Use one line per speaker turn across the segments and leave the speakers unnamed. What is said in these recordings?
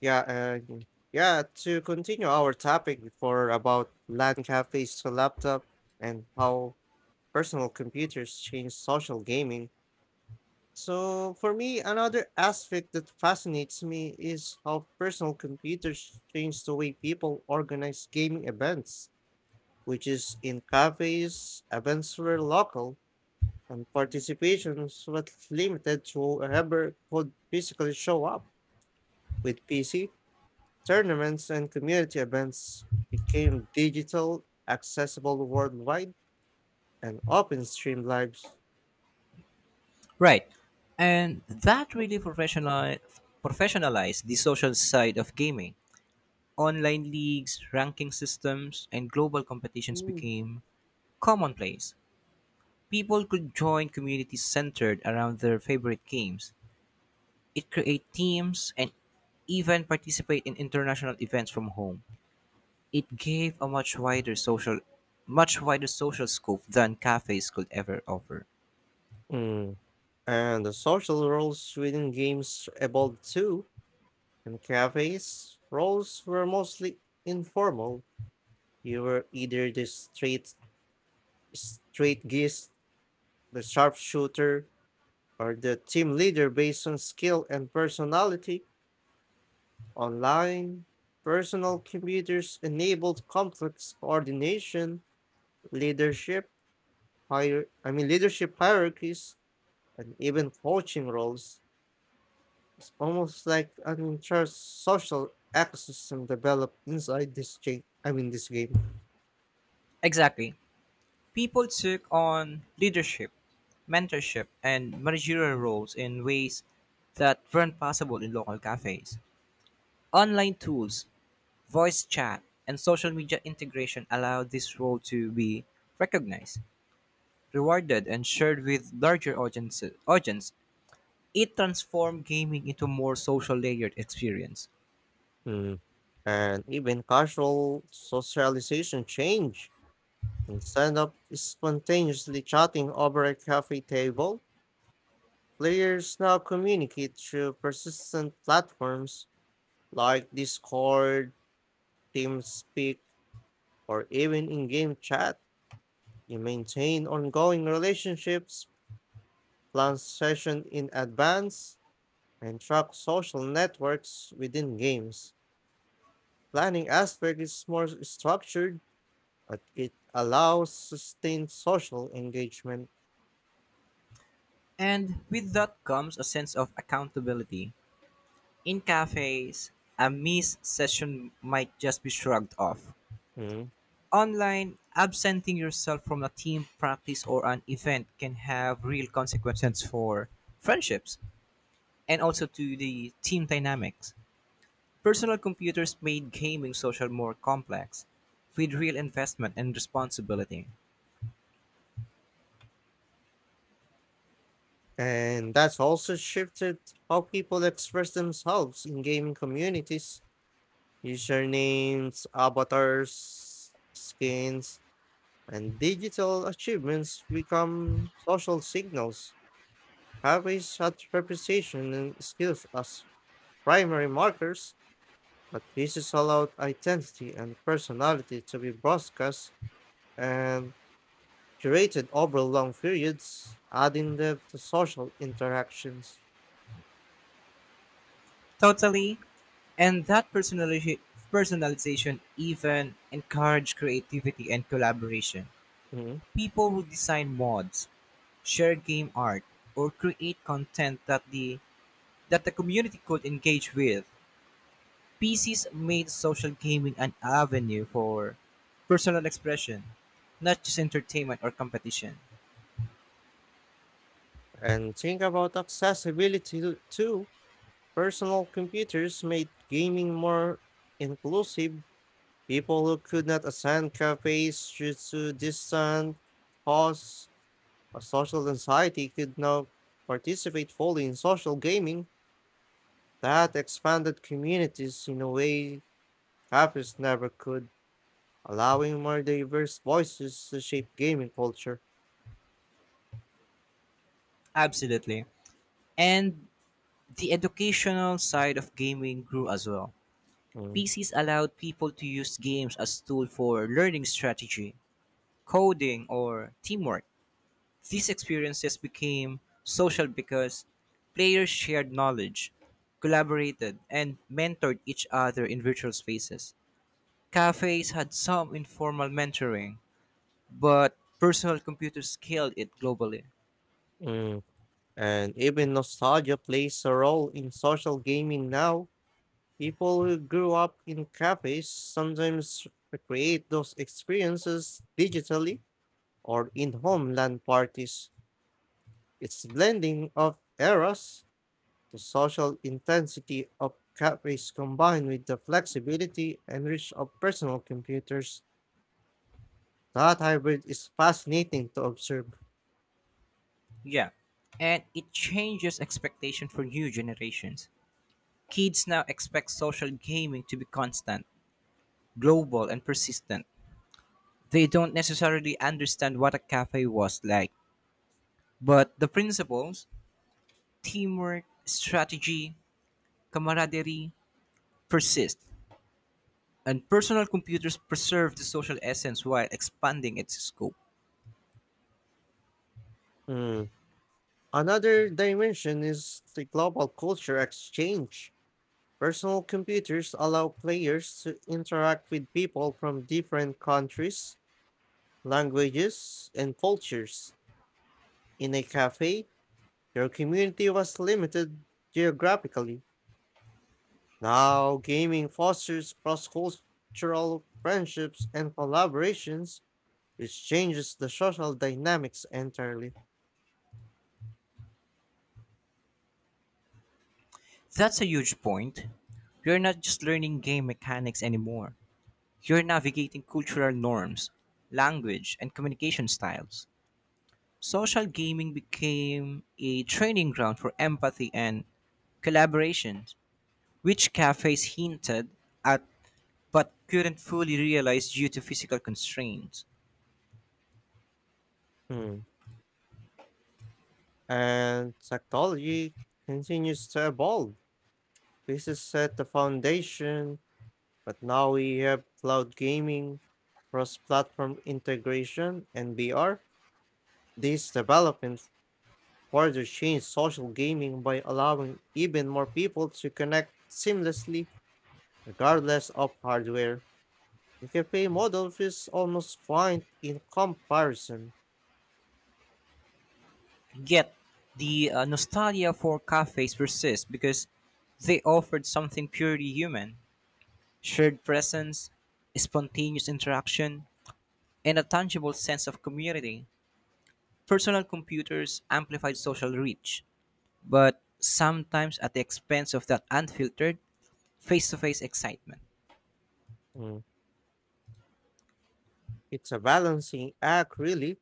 Yeah, and yeah, to continue our topic before about LAN cafes to laptop and how personal computers change social gaming. So for me, another aspect that fascinates me is how personal computers change the way people organize gaming events, which is in cafes, events were local, and participations was limited to whoever could physically show up with PC. Tournaments and community events became digital, accessible worldwide, and open streamed Lives.
Right. And that really professionalized the social side of gaming. Online leagues, ranking systems, and global competitions
Mm.
became commonplace. People could join communities centered around their favorite games. It created teams and even participate in international events from home. It gave a much wider social scope than cafes could ever offer.
Mm. And the social roles within games evolved too. In cafes, roles were mostly informal. You were either the straight geese, the sharpshooter, or the team leader based on skill and personality. Online, personal computers enabled complex coordination. Leadership leadership hierarchies and even coaching roles is almost like an entire social ecosystem developed inside this game.
Exactly. People took on leadership, mentorship, and managerial roles in ways that weren't possible in local cafes. Online tools, voice chat, and social media integration allowed this role to be recognized, rewarded, and shared with larger audiences, it transformed gaming into a more social layered experience.
Mm. And even casual socialization change. Instead of spontaneously chatting over a coffee table, players now communicate through persistent platforms like Discord, TeamSpeak, or even in-game chat. You maintain ongoing relationships, plan session in advance, and track social networks within games. Planning aspect is more structured, but it allows sustained social engagement.
And with that comes a sense of accountability. In cafes, a missed session might just be shrugged off.
Mm.
Online, absenting yourself from a team practice or an event can have real consequences for friendships and also to the team dynamics. Personal computers made gaming social more complex with real investment and responsibility.
And that's also shifted how people express themselves in gaming communities. Usernames, avatars, skins, and digital achievements become social signals. Having such reputation and skills as primary markers, but this is allowed identity and personality to be broadcast and curated over long periods, adding depth to social interactions.
Totally, and that personalization even encouraged creativity and collaboration.
Mhm.
People who design mods, share game art, or create content that the community could engage with. PCs made social gaming an avenue for personal expression, not just entertainment or competition.
And think about accessibility too. Personal computers made gaming more inclusive. People who could not attend cafes due to distant costs, a social anxiety could now participate fully in social gaming that expanded communities in a way cafes never could, allowing more diverse voices to shape gaming culture.
Absolutely. And the educational side of gaming grew as well.
Mm,
PCs allowed people to use games as tool for learning strategy, coding, or teamwork. These experiences became social because players shared knowledge, collaborated, and mentored each other in virtual spaces. Cafes had some informal mentoring, but personal computers scaled it globally.
mm. And even nostalgia plays a role in social gaming now. People who grew up in cafes sometimes recreate those experiences digitally or in homeland parties. It's blending of eras. The social intensity of cafes combined with the flexibility and reach of personal computers. That hybrid is fascinating to observe.
Yeah, and it changes expectation for new generations. Kids now expect social gaming to be constant, global, and persistent. They don't necessarily understand what a cafe was like, but the principles, teamwork, strategy, camaraderie persist, and personal computers preserve the social essence while expanding its scope.
Hmm. Another dimension is the global culture exchange. Personal computers allow players to interact with people from different countries, languages, and cultures. In a cafe, your community was limited geographically. Now, gaming fosters cross cultural friendships and collaborations, which changes the social dynamics entirely.
That's a huge point. You're not just learning game mechanics anymore. You're navigating cultural norms, language, and communication styles. Social gaming became a training ground for empathy and collaboration, which cafes hinted at but couldn't fully realize due to physical constraints.
Hmm. And technology continues to evolve. This has set the foundation, but now we have cloud gaming, cross platform integration, and VR. These developments further change social gaming by allowing even more people to connect seamlessly, regardless of hardware. The cafe model feels almost quaint in comparison.
Yet, the nostalgia for cafes persists because they offered something purely human. Shared presence, spontaneous interaction, and a tangible sense of community. Personal computers amplified social reach, but sometimes at the expense of that unfiltered, face to face excitement.
Mm, It's a balancing act, really.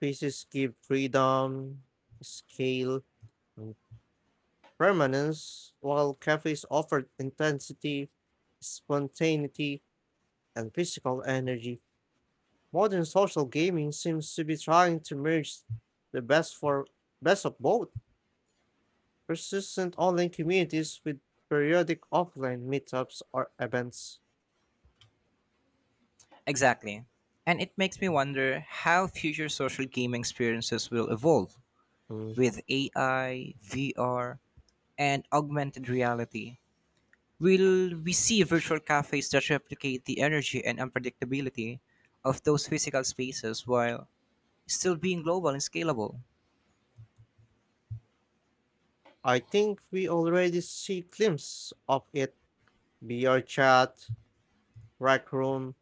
Pieces give freedom, scale, and permanence, while cafes offer intensity, spontaneity, and physical energy. Modern social gaming seems to be trying to merge the best of both. Persistent online communities with periodic offline meetups or events.
Exactly. And it makes me wonder how future social gaming experiences will evolve
Mm.
with AI, VR, and augmented reality. Will we see virtual cafes that replicate the energy and unpredictability of those physical spaces while still being global and scalable?
I think we already see glimpses of it. VR chat, rec room,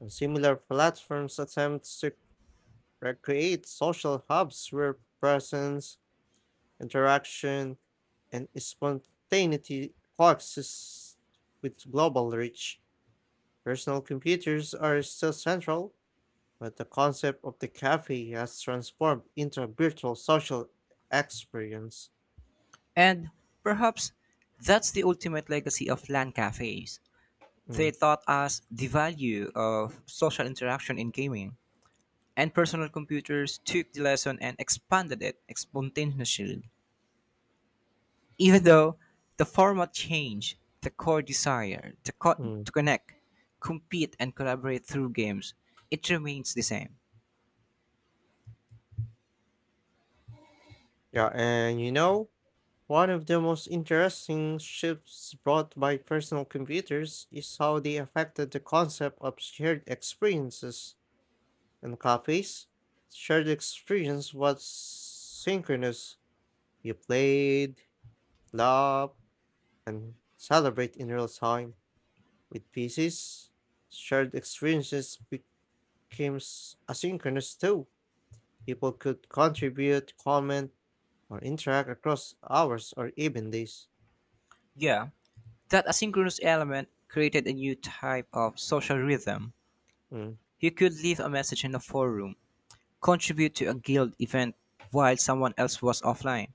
and similar platforms attempt to recreate social hubs where presence, interaction, and spontaneity coexist with global reach. Personal computers are still central, but the concept of the cafe has transformed into a virtual social experience.
And perhaps that's the ultimate legacy of LAN cafes. They
Mm,
taught us the value of social interaction in gaming, and personal computers took the lesson and expanded it exponentially. Even though the format changed, the core desire
mm.
to connect, compete, and collaborate through games, it remains the same.
Yeah, and one of the most interesting shifts brought by personal computers is how they affected the concept of shared experiences. In cafes, shared experience was synchronous. You played, laughed, and celebrate in real time. With PCs, shared experiences became asynchronous too. People could contribute, comment, or interact across hours or even days.
Yeah, that asynchronous element created a new type of social rhythm.
Hmm.
You could leave a message in a forum, contribute to a guild event while someone else was offline,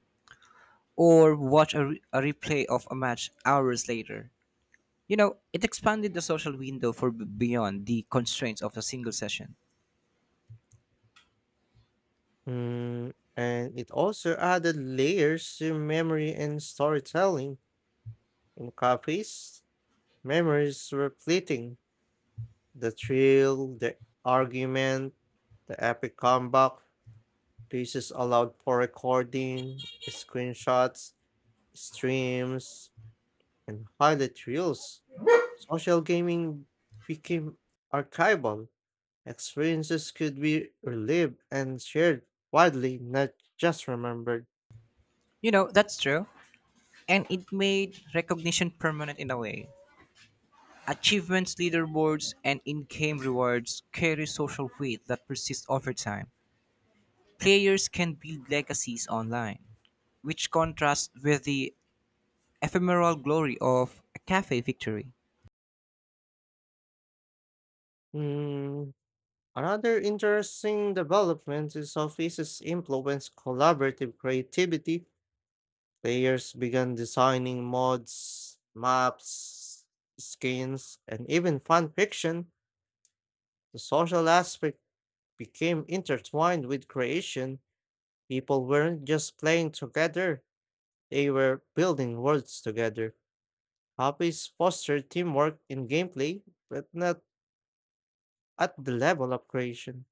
or watch a replay of a match hours later. You know, it expanded the social window for beyond the constraints of a single session.
And it also added layers to memory and storytelling. In copies, memories were fleeting. The thrill, the argument, the epic comeback, pieces allowed for recording, screenshots, streams, and highlight reels. Social gaming became archival. Experiences could be relived and shared widely, not just remembered.
You know, that's true, and it made recognition permanent in a way. Achievements, leaderboards, and in game rewards carry social weight that persists over time. Players can build legacies online, which contrasts with the ephemeral glory of a cafe victory.
Mm, Another interesting development is how faces influence collaborative creativity. Players began designing mods, maps, skins, and even fan fiction. The social aspect became intertwined with creation. People weren't just playing together, they were building worlds together. Hobbies foster teamwork in gameplay, but not at the level of creation,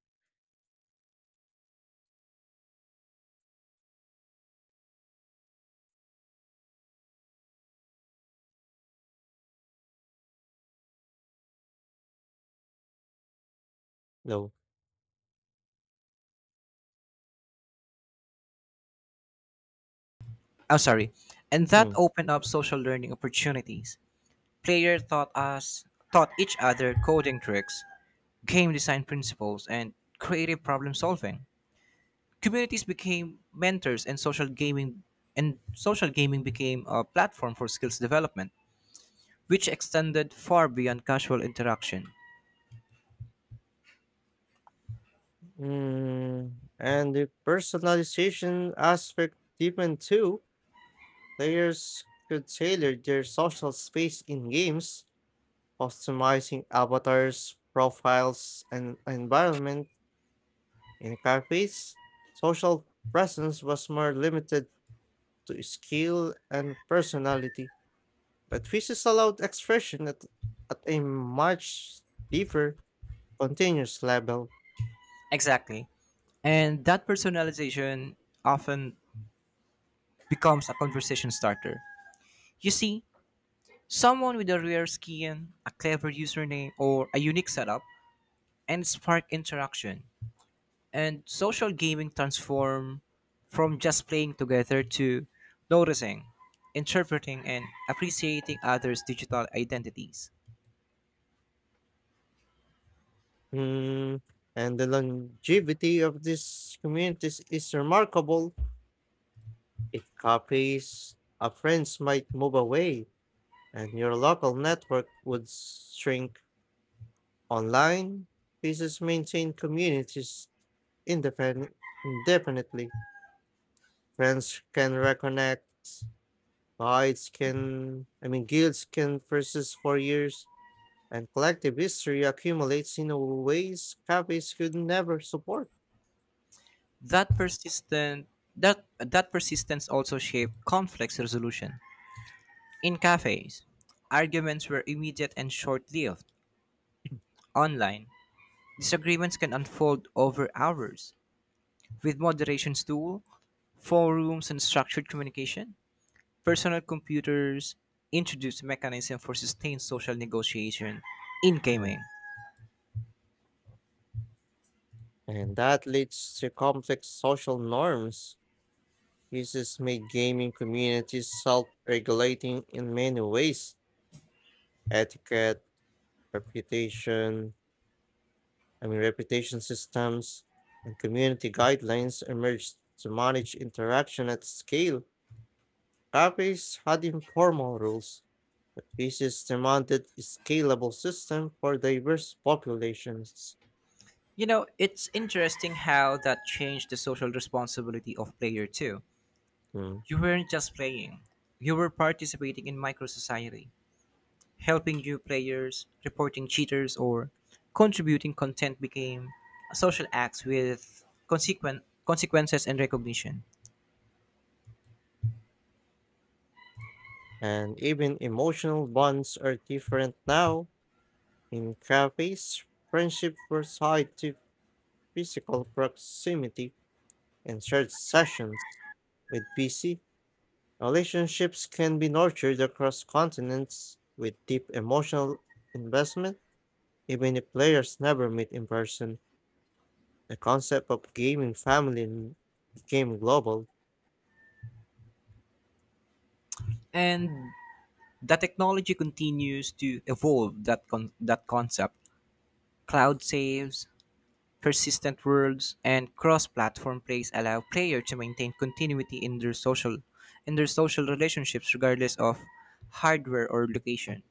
though.
I'm sorry, and that
Hmm.
opened up social learning opportunities. Players taught us, taught each other coding tricks, game design principles, and creative problem solving. Communities became mentors and social gaming became a platform for skills development, which extended far beyond casual interaction.
And the personalization aspect deepened too. Players could tailor their social space in games, customizing avatars, profiles, and environment. In cafes, social presence was more limited to skill and personality, but physics allowed expression at a much deeper, continuous level.
Exactly. And that personalization often becomes a conversation starter. You see, someone with a rare skin, a clever username, or a unique setup and spark interaction. And social gaming transform from just playing together to noticing, interpreting, and appreciating others' digital identities.
Mm, and the longevity of these communities is remarkable. It copies a friends might move away, and your local network would shrink. Online pieces maintain communities independent indefinitely. Friends can reconnect, guides can, I mean, guilds can persist for years, and collective history accumulates in a ways copies could never support.
That persistent that that persistence also shaped conflict resolution. In cafes, arguments were immediate and short-lived. Online, disagreements can unfold over hours. With moderation's tool, forums, and structured communication, personal computers introduced a mechanism for sustained social negotiation in gaming.
And that leads to complex social norms. Uses make gaming communities self regulating in many ways etiquette, reputation, reputation systems, and community guidelines emerged to manage interaction at scale. Cafes had informal rules, but pieces demanded a scalable system for diverse populations.
You know, it's interesting how that changed the social responsibility of player too.
Mm.
You weren't just playing, you were participating in micro society, helping new players, reporting cheaters, or contributing content became a social acts with consequent consequences and recognition.
And even emotional bonds are different now. In cafes, friendships were tied to physical proximity and shared sessions. With PC, relationships can be nurtured across continents with deep emotional investment, even if players never meet in person. The concept of gaming became global.
And the technology continues to evolve that concept. Cloud saves, persistent worlds, and cross-platform plays allow players to maintain continuity in their social relationships regardless of hardware or location.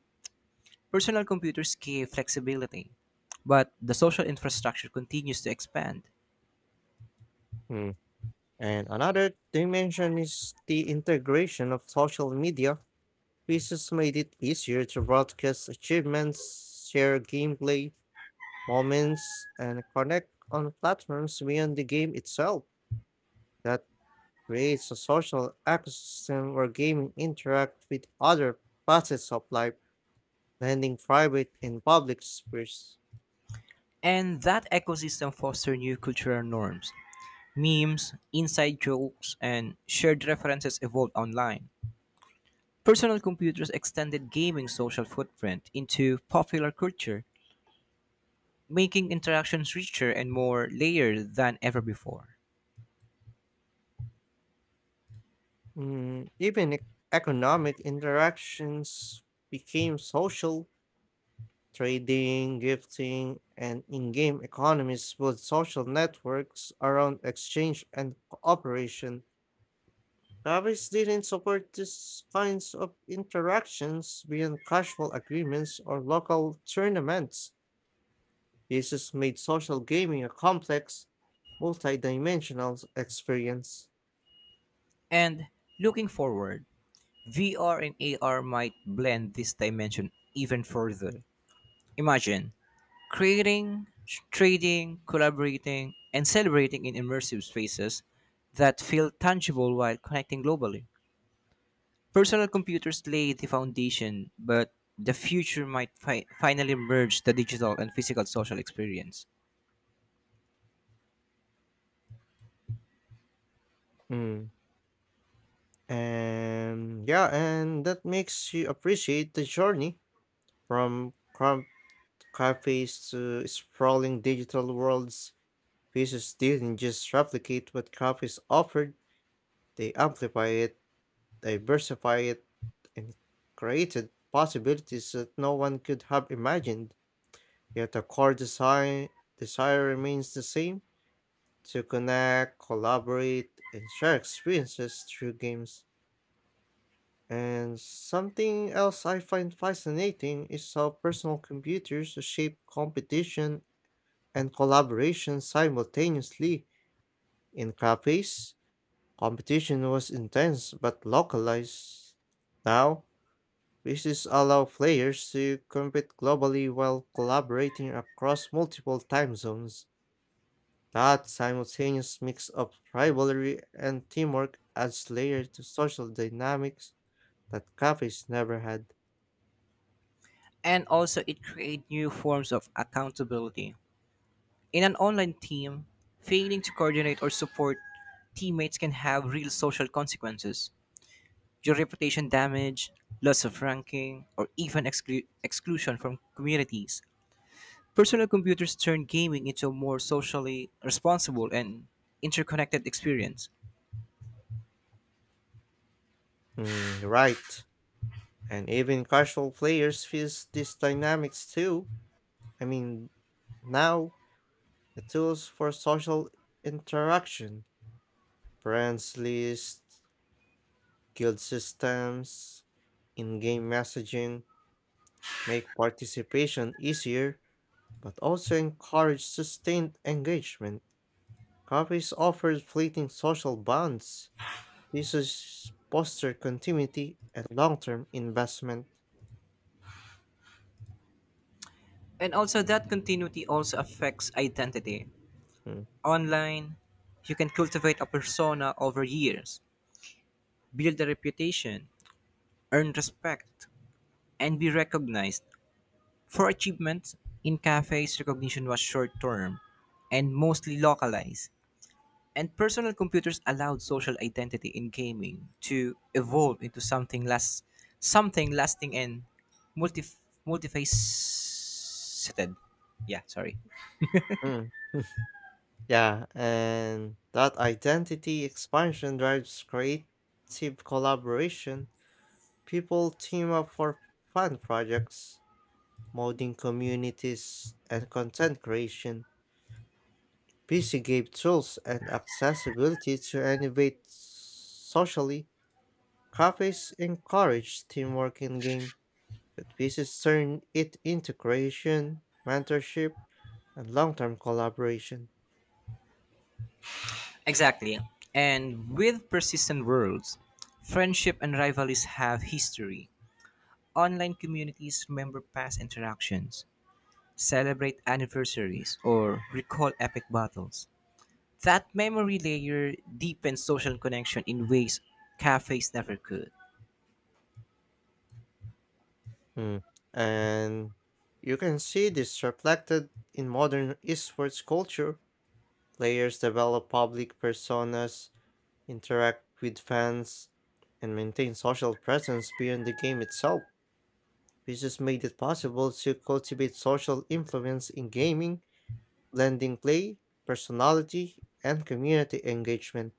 Personal computers give flexibility, but the social infrastructure continues to expand.
Hmm. And another dimension is the integration of social media. Pieces made it easier to broadcast achievements, share gameplay, moments, and connect on platforms beyond the game itself. That creates a social ecosystem where gaming interact with other facets of life, blending private and public spheres.
And that ecosystem fosters new cultural norms. Memes, inside jokes, and shared references evolved online. Personal computers extended gaming social footprint into popular culture, making interactions richer and more layered than ever before.
Even economic interactions became social. Trading, gifting, and in game economies build social networks around exchange and cooperation. Copies didn't support these kinds of interactions beyond casual agreements or local tournaments. This has made social gaming a complex, multidimensional experience.
And looking forward, VR and AR might blend this dimension even further. Imagine creating, trading, collaborating, and celebrating in immersive spaces that feel tangible while connecting globally. Personal computers lay the foundation, but the future might finally merge the digital and physical social experience.
Mm. And that makes you appreciate the journey from crumb cafes to sprawling digital worlds. Pieces didn't just replicate what cafes offered, they amplify it. Diversified and created possibilities that no one could have imagined. Yet the core design desire remains the same to connect, collaborate, and share experiences through games. And something else I find fascinating is how personal computers shape competition and collaboration simultaneously. In cafes, competition was intense but localized. Now, this allow players to compete globally while collaborating across multiple time zones. That simultaneous mix of rivalry and teamwork adds layers to social dynamics that cafes never had.
And also, it creates new forms of accountability. In an online team, failing to coordinate or support teammates can have real social consequences. Your reputation damage, loss of ranking, or even exclusion from communities. Personal computers turn gaming into a more socially responsible and interconnected experience.
Mm, right. And even casual players feel these dynamics too. I mean, now the tools for social interaction, friends lists, guild systems, in-game messaging, make participation easier, but also encourage sustained engagement. Coffees offer fleeting social bonds. This is foster continuity and long-term investment.
And also, that continuity also affects identity.
Mm,
Online, you can cultivate a persona over years, build a reputation, earn respect, and be recognized for achievements, in cafes, recognition was short term and mostly localized, and personal computers allowed social identity in gaming to evolve into something lasting and multi multifaceted. Yeah, sorry.
mm. Yeah, and that identity expansion drives creative collaboration. People team up for fun projects, modding communities, and content creation. PC gave tools and accessibility to innovate socially. Cafes encouraged teamwork in game, but PCs turned it into creation, mentorship, and long-term collaboration.
Exactly. And with persistent worlds, friendship and rivalries have history. Online communities remember past interactions, celebrate anniversaries, or recall epic battles. That memory layer deepens social connection in ways cafes never could.
Mm. And you can see this reflected in modern esports culture. Players develop public personas, interact with fans, and maintain social presence beyond the game itself, which has made it possible to cultivate social influence in gaming, blending play, personality, and community engagement.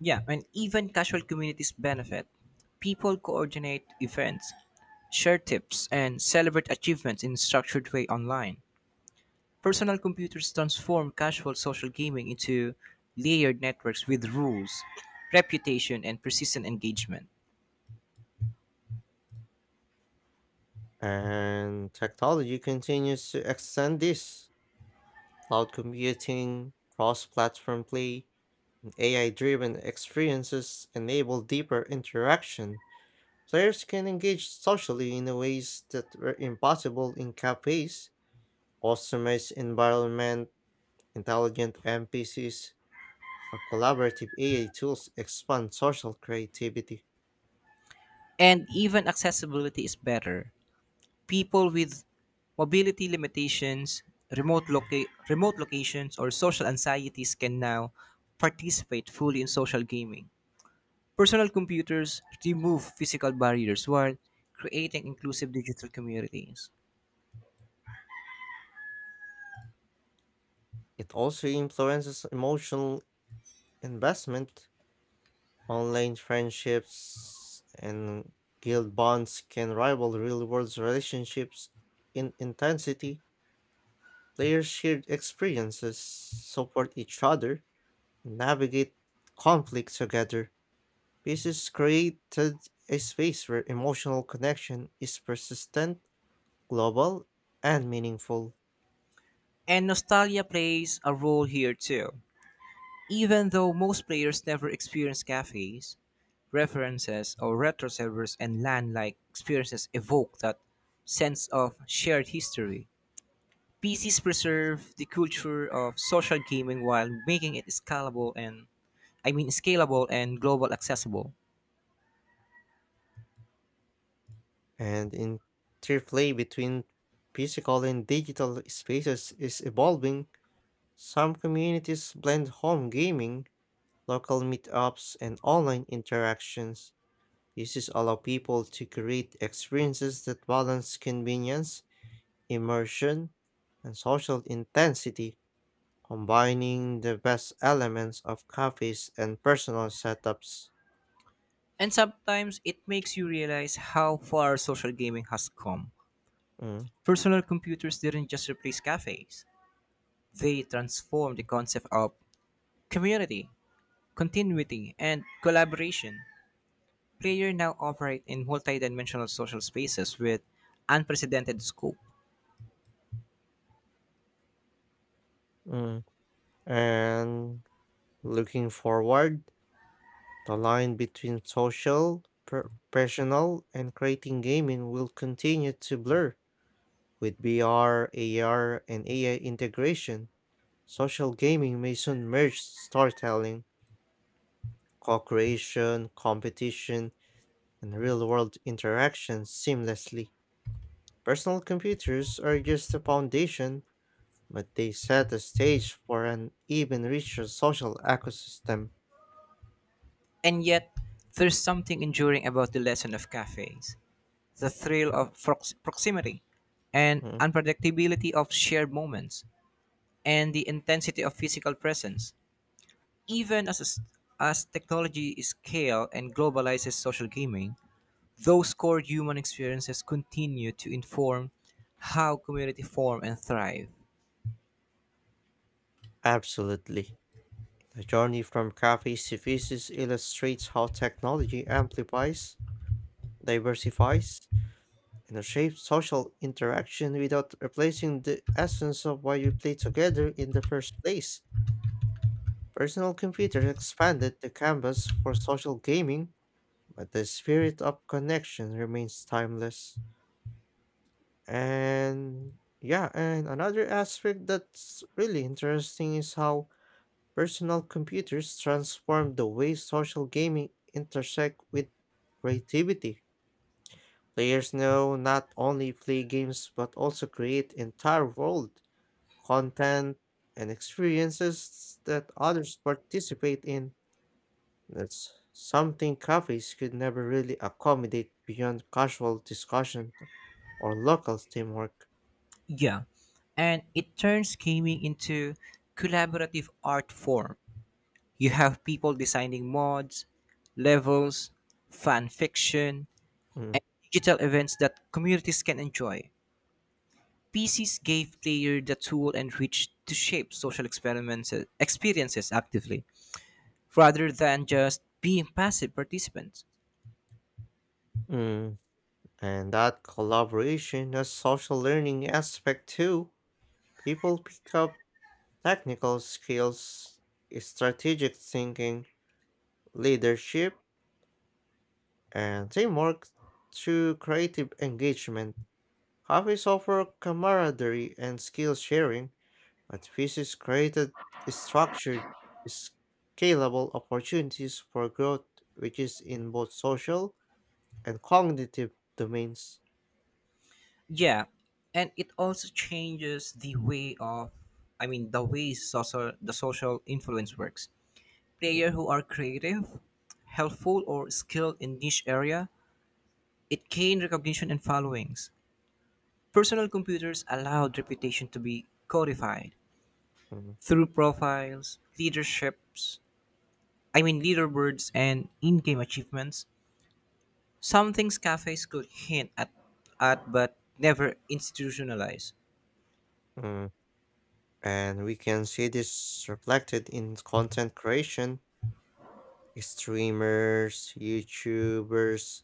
Yeah, and even casual communities benefit. People coordinate events, share tips, and celebrate achievements in a structured way online. Personal computers transform casual social gaming into layered networks with rules, reputation, and persistent engagement.
And technology continues to extend this. Cloud computing, cross platform play, and AI driven experiences enable deeper interaction. Players can engage socially in ways that were impossible in cafes, customized environment, intelligent NPCs, our collaborative AI tools expand social creativity.
And even accessibility is better. People with mobility limitations, remote locations, or social anxieties can now participate fully in social gaming. Personal computers remove physical barriers while creating inclusive digital communities.
It also influences emotional investment. Online friendships and guild bonds can rival real world relationships in intensity. Players share experiences, support each other, and navigate conflict together. This has created a space where emotional connection is persistent, global, and meaningful.
And nostalgia plays a role here too. Even though most players never experience cafes, references, or retro servers and LAN like experiences evoke that sense of shared history. PCs preserve the culture of social gaming while making it scalable and global accessible.
And interplay between physical and digital spaces is evolving. Some communities blend home gaming, local meetups, and online interactions. This is allow people to create experiences that balance convenience, immersion, and social intensity, combining the best elements of cafes and personal setups.
And sometimes it makes you realize how far social gaming has come.
Mm,
Personal computers didn't just replace cafes. They transformed the concept of community, continuity, and collaboration. Players now operate in multi-dimensional social spaces with unprecedented scope.
mm. And looking forward, the line between social, professional, and creating gaming will continue to blur. With VR, AR, and AI integration, social gaming may soon merge storytelling, co creation, competition, and real world interaction seamlessly. Personal computers are just the foundation, but they set the stage for an even richer social ecosystem.
And yet, there's something enduring about the lesson of cafes. The thrill of proximity and
Mm,
unpredictability of shared moments and the intensity of physical presence, even as technology scales and globalizes social gaming, those core human experiences continue to inform how community form and thrive.
Absolutely. The journey from cafes to pieces illustrates how technology amplifies, diversifies, and shapes social interaction without replacing the essence of why we play together in the first place. Personal computers expanded the canvas for social gaming, but the spirit of connection remains timeless. And yeah, and another aspect that's really interesting is how personal computers transform the way social gaming intersect with creativity. Players now not only play games but also create entire world, content, and experiences that others participate in. That's something cafes could never really accommodate beyond casual discussion or local teamwork.
Yeah, and it turns gaming into collaborative art form. You have people designing mods, levels, fan fiction,
Mm.
and digital events that communities can enjoy. PCs gave players the tool and reach to shape social experiments experiences actively, rather than just being passive participants.
Mm. And that collaboration has social learning aspect too. People pick up technical skills, strategic thinking, leadership, and teamwork through creative engagement. Hobbies offer camaraderie and skill sharing, but physics created structured, scalable opportunities for growth, which is in both social and cognitive domains.
Yeah, and it also changes the way of, the way social the social influence works.
Mm,
Players who are creative, helpful, or skilled in niche area, it gained recognition and followings. Personal computers allowed reputation to be codified
mm,
through profiles, leaderships, I mean leaderboards and in-game achievements, some things cafes could hint at but never institutionalize.
mm. And we can see this reflected in content creation. Streamers, YouTubers,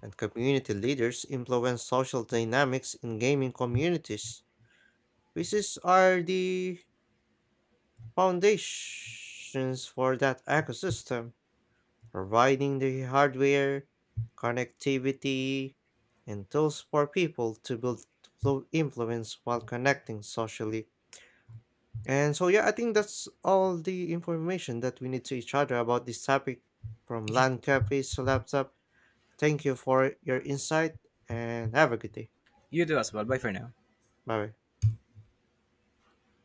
and community leaders influence social dynamics in gaming communities, which are the foundations for that ecosystem, providing the hardware, connectivity, and tools for people to build flow influence while connecting socially. And so, yeah, I think that's all the information that we need to each other about this topic from
Yeah,
land cafes to laptop. Thank you for your insight and have a good day.
you do as well. Bye for now.
Bye bye.